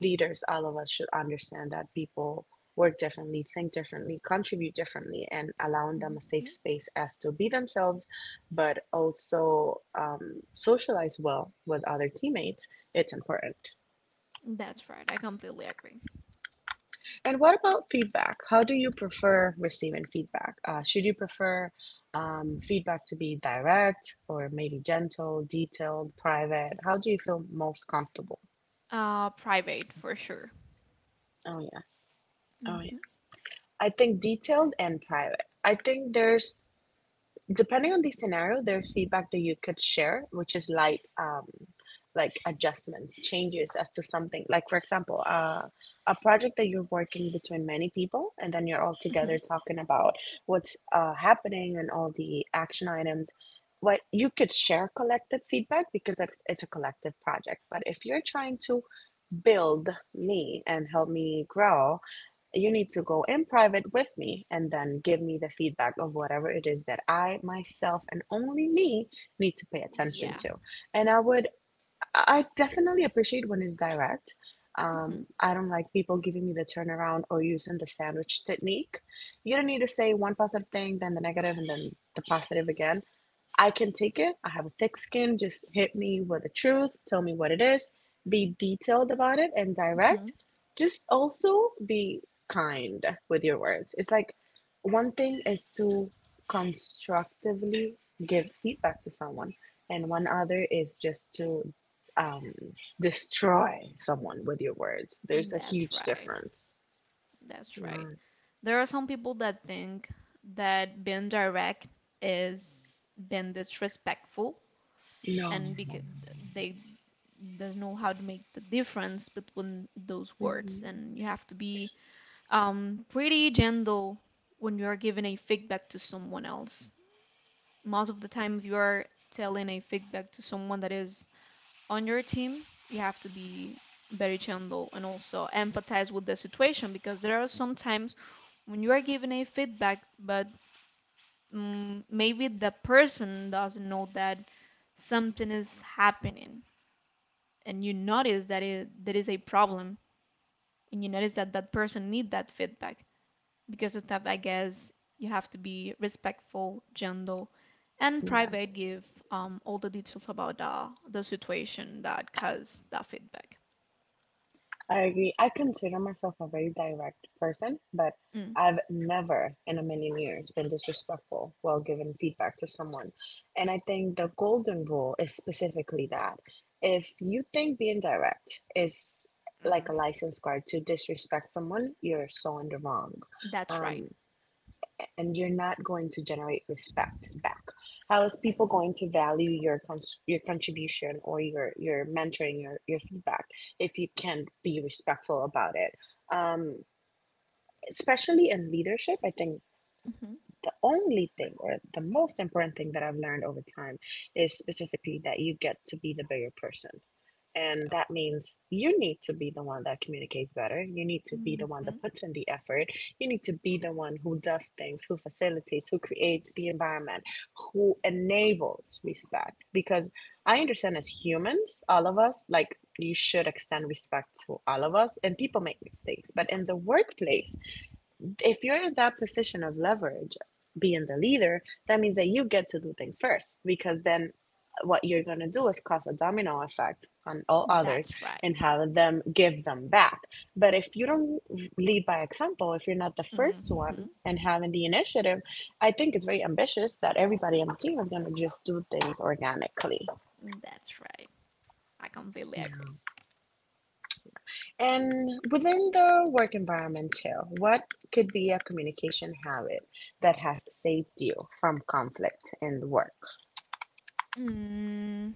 leaders, all of us, should understand that people work differently, think differently, contribute differently, and allowing them a safe Hmm. space as to be themselves, but also socialize well with other teammates, it's important. That's right. I completely agree. And what about feedback? How do you prefer receiving feedback? Should you prefer feedback to be direct, or maybe gentle, detailed, private? How do you feel most comfortable? Private for sure. Oh, yes. Oh, Hmm. yes. I think detailed and private. I think there's, depending on the scenario, there's feedback that you could share, which is like adjustments, changes as to something. Like for example, a project that you're working between many people, and then you're all Hmm. together talking about what's happening and all the action items. What you could share collective feedback, because it's a collective project. But if you're trying to build me and help me grow, you need to go in private with me and then give me the feedback of whatever it is that I myself and only me need to pay attention Yeah. to. And I would, I definitely appreciate when it's direct. Hmm. I don't like people giving me the turnaround or using the sandwich technique. You don't need to say one positive thing, then the negative, and then the positive again. I can take it. I have a thick skin. Just hit me with the truth. Tell me what it is. Be detailed about it and Hmm. direct. Just also be kind with your words. It's like, one thing is to constructively give feedback to someone, and one other is just to um, destroy someone with your words. There's a That's huge right. difference. That's right. Yeah. There are some people that think that being direct is being disrespectful, No. and because they doesn't know how to make the difference between those words, hmm and you have to be pretty gentle when you are giving a feedback to someone else. Most of the time, if you are telling a feedback to someone that is on your team, you have to be very gentle and also empathize with the situation. Because there are some times when you are giving a feedback, but maybe the person doesn't know that something is happening, and you notice that there is a problem, and you notice that that person need that feedback. Because of that, I guess you have to be respectful, gentle, and private. Yes. Give all the details about the situation that caused that feedback. I agree. I consider myself a very direct person, but Mm. I've never in a million years been disrespectful while giving feedback to someone. And I think the golden rule is specifically that. If you think being direct is like a Mm. license card to disrespect someone, you're so in the wrong. That's right. Um, and you're not going to generate respect back. How is people going to value your your contribution, or your mentoring, your feedback, if you can't be respectful about it? um, Especially in leadership, I think Hmm. the only thing, or the most important thing, that I've learned over time is specifically that you get to be the bigger person, and Yeah. that means you need to be the one that communicates better. You need to be the one Hmm. that puts in the effort. You need to be the one who does things, who facilitates, who creates the environment, who enables respect. Because I understand as humans, all of us, like you should extend respect to all of us, and people make mistakes. But in the workplace, if you're in that position of leverage, being the leader, that means that you get to do things first, because then what you're going to do is cause a domino effect on all others That's right. and have them give them back. But if you don't lead by example, if you're not the first one Hmm. and having the initiative, I think it's very ambitious that everybody on the team is going to just do things organically. That's right. I completely agree. Yeah. And within the work environment too, what could be a communication habit that has saved you from conflict in the work? Mm.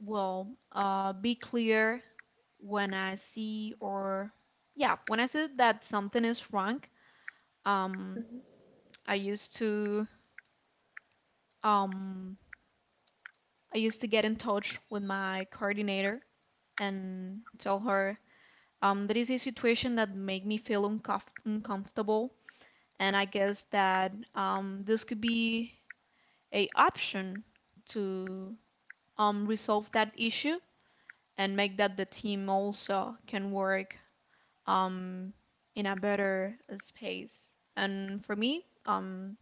Well, be clear when I see or, yeah, when I see that something is wrong. Um, Mhm. I used to um, I used to get in touch with my coordinator and tell her that is a situation that made me feel uncomfortable, and I guess that this could be a option to resolve that issue and make that the team also can work um, in a better space. And for me,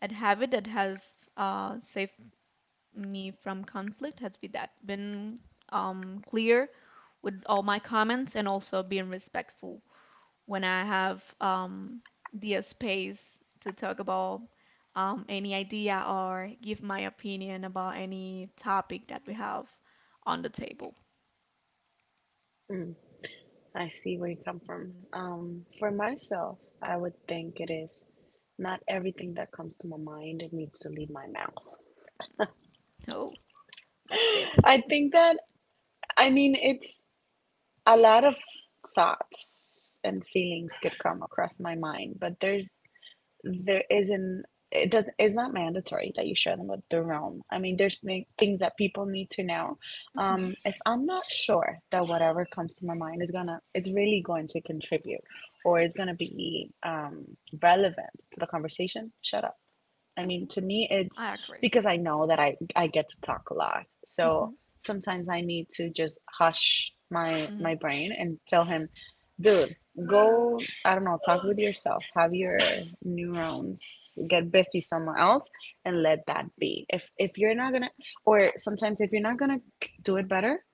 I'd have it that have saved me from conflict has been that been clear with all my comments and also being respectful when I have the space to talk about any idea or give my opinion about any topic that we have on the table. Mm, I see where you come from. For myself, I would think it is, not everything that comes to my mind needs to leave my mouth. So that's deep. I think that, I mean, it's a lot of thoughts and feelings could come across my mind, but there's there isn't it does it's not mandatory that you share them with the room. I mean, there's things that people need to know. Hmm. If I'm not sure that whatever comes to my mind is gonna it's really going to contribute or it's gonna be relevant to the conversation, shut up. I Hmm. mean, to me, it's I agree. because I know that I get to talk a lot. Hmm. So sometimes I need to just hush my Hmm. Brain and tell him, Dude, go, I don't know, talk with yourself. Have your neurons get busy somewhere else and let that be. If you're not gonna, or sometimes if you're not gonna do it better,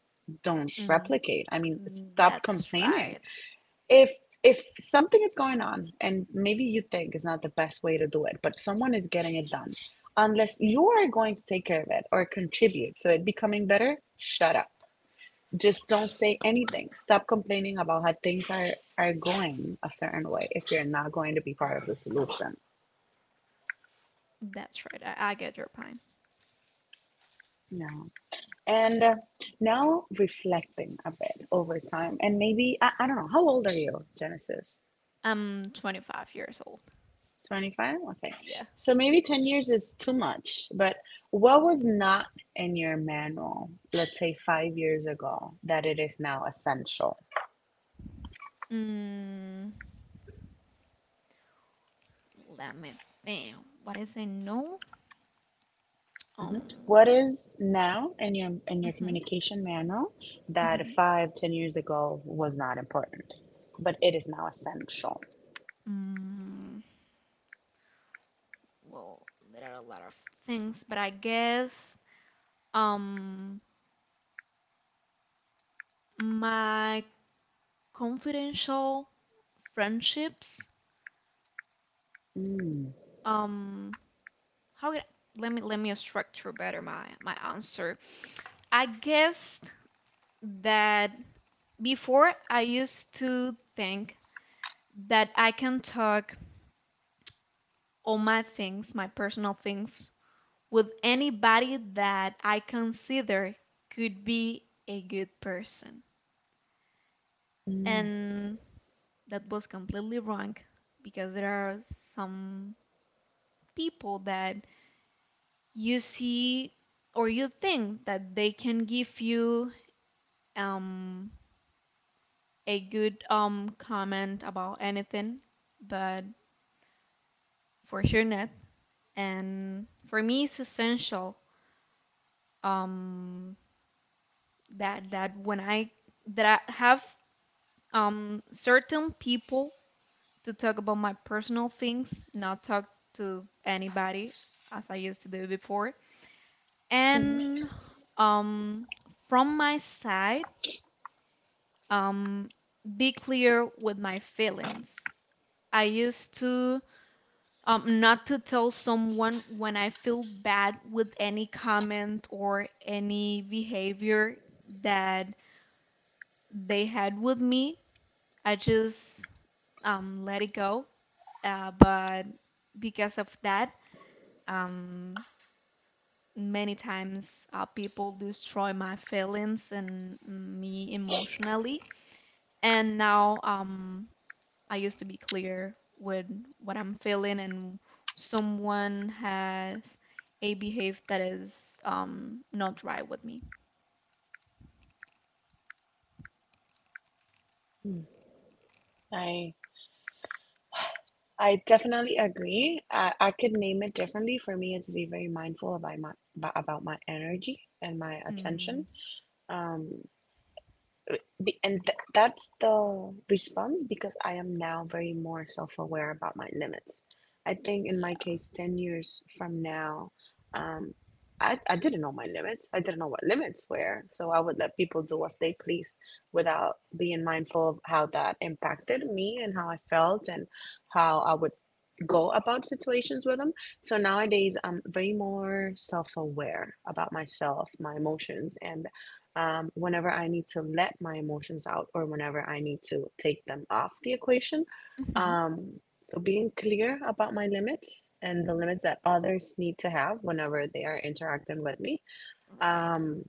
don't Mm. replicate. I mean, stop That's complaining. right. If if something is going on and maybe you think is not the best way to do it, but someone is getting it done, unless you are going to take care of it or contribute to it becoming better, shut up, just don't say anything. Stop complaining about how are going a certain way if you're not going to be part of the solution. That's right. I get your point. No. And now reflecting a bit over time. And maybe, I don't know, how old are you, Genesis? I'm 25 years old. 25? Okay. Yeah. So maybe 10 years is too much, but what was not in your manual, let's say 5 years ago, that it is now essential? Mm, let me think. What is a no? Mhm. Um, What is now in your mhm, communication manual that mhm. five, 10 years ago was not important, but it is now essential? Mm, well, there are a lot of things, but I guess um my confidential friendships. Mm, Um, how can Let me structure better my answer. I guess that before I used to think that I can talk all my things, my personal things with anybody that I consider could be a good person. mm, And that was completely wrong because there are some people that you see or you think that they can give you um, a good comment about anything, but for sure not. And for me, it's essential um, that that when I that I have certain people to talk about my personal things, not talk to anybody as I used to do before. hmm And um from my side, um be clear with my feelings. I used to not to tell someone when I feel bad with any comment or any behavior that they had with me. I just let it go. But because of that, um, many times, people destroy my feelings and me emotionally. And now I used to be clear with what I'm feeling, and someone has a behavior that is not right with me. mm. I I definitely agree. I could name it differently. For me, it's to be very mindful about my energy and my Mm, attention. Um, that's the response because I am now very more self aware about my limits. I think in my yeah, case, 10 years from now, um, I didn't know my limits. I didn't know what limits were. So I would let people do as they please without being mindful of how that impacted me and how I felt and how I would go about situations with them. So nowadays, I'm very more self aware about myself, my emotions, and whenever I need to let my emotions out or whenever I need to take them off the equation. hmm, Um, so being clear about my limits and the limits that others need to have whenever they are interacting with me, right. um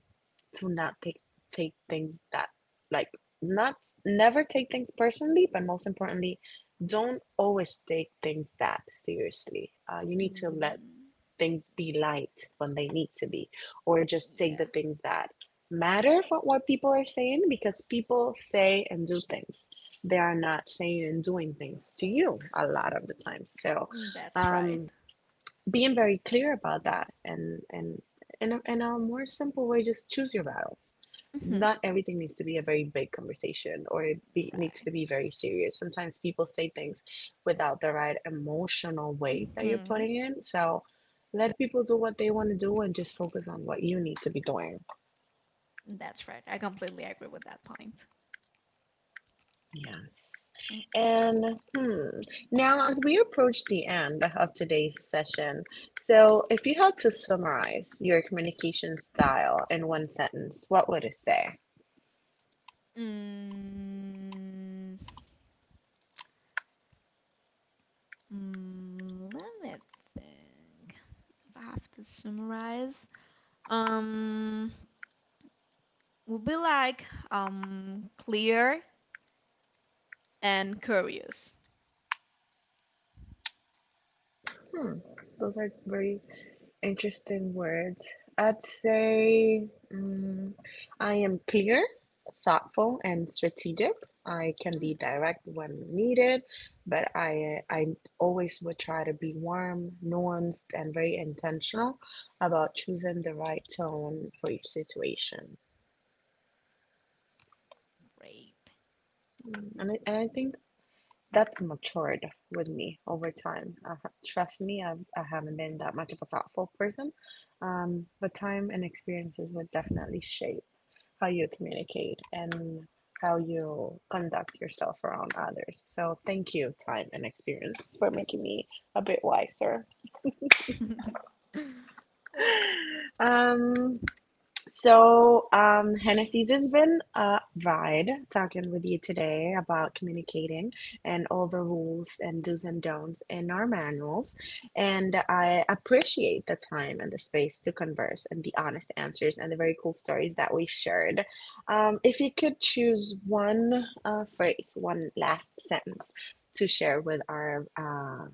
to not take things that, like not, never take things personally, but most importantly, don't always take things that seriously. You need to let Mm, things be light when they need to be, or just take the yeah, things that matter for what people are saying, because people say and do things, they are not saying and doing things to you a lot of the time. So that's right. um being very clear about that, and in a more simple way, just choose your battles. Hmm. Not everything needs to be a very big conversation or needs Right. to be very serious. Sometimes people say things without the right emotional weight that you're Hmm. putting in, so let people do what they want to do and just focus on what you need to be doing. That's right. I completely agree with that point. Yes. And hmm, now, as we approach the end of today's session, so if you had to summarize your communication style in one sentence, what would it say? Mm, mm, mm, let me think. If I have to summarize, um, would be like clear and curious. Hmm, those are very interesting words. I'd say, mm, I am clear, thoughtful, and strategic. I can be Mm, direct when needed, but I always would try to be warm, nuanced, and very intentional about choosing the right tone for each situation. Mm. And I think that's matured with me over time. Trust me, I haven't been that much of a thoughtful person, but time and experiences would definitely shape how you communicate and how you conduct yourself around others. So thank you, time and experience, for making me a bit wiser. great. Uh, Um, Hennessy's has been a ride talking with you today about communicating and all the rules and do's and don'ts in our manuals. And I appreciate the time and the space to converse and the honest answers and the very cool stories that we've shared. If you could choose one phrase, one last sentence to share with our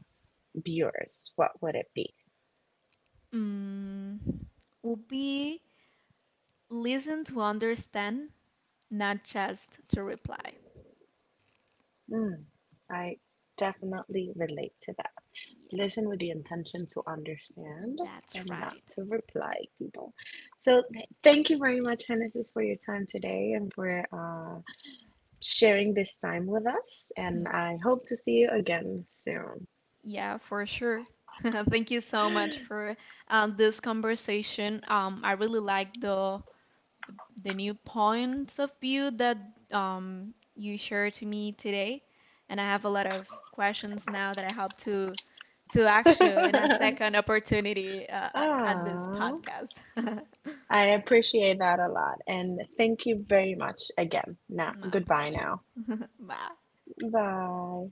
viewers, what would it be? mm, would be listen to understand, not just to reply. Mm. I definitely relate to that. Yeah, Listen with the intention to understand that's and not right. to reply people. So thank you very much, Genesis, for your time today and for sharing this time with us. And I hope to see you again soon. Yeah, for sure. Thank you so much for this conversation. I really like the the new points of view that you shared to me today, and I have a lot of questions now that I hope to ask you in a second opportunity at this Ah, podcast. I appreciate that a lot. And thank you very much again. Now, My goodbye pleasure. now. Bye. Bye.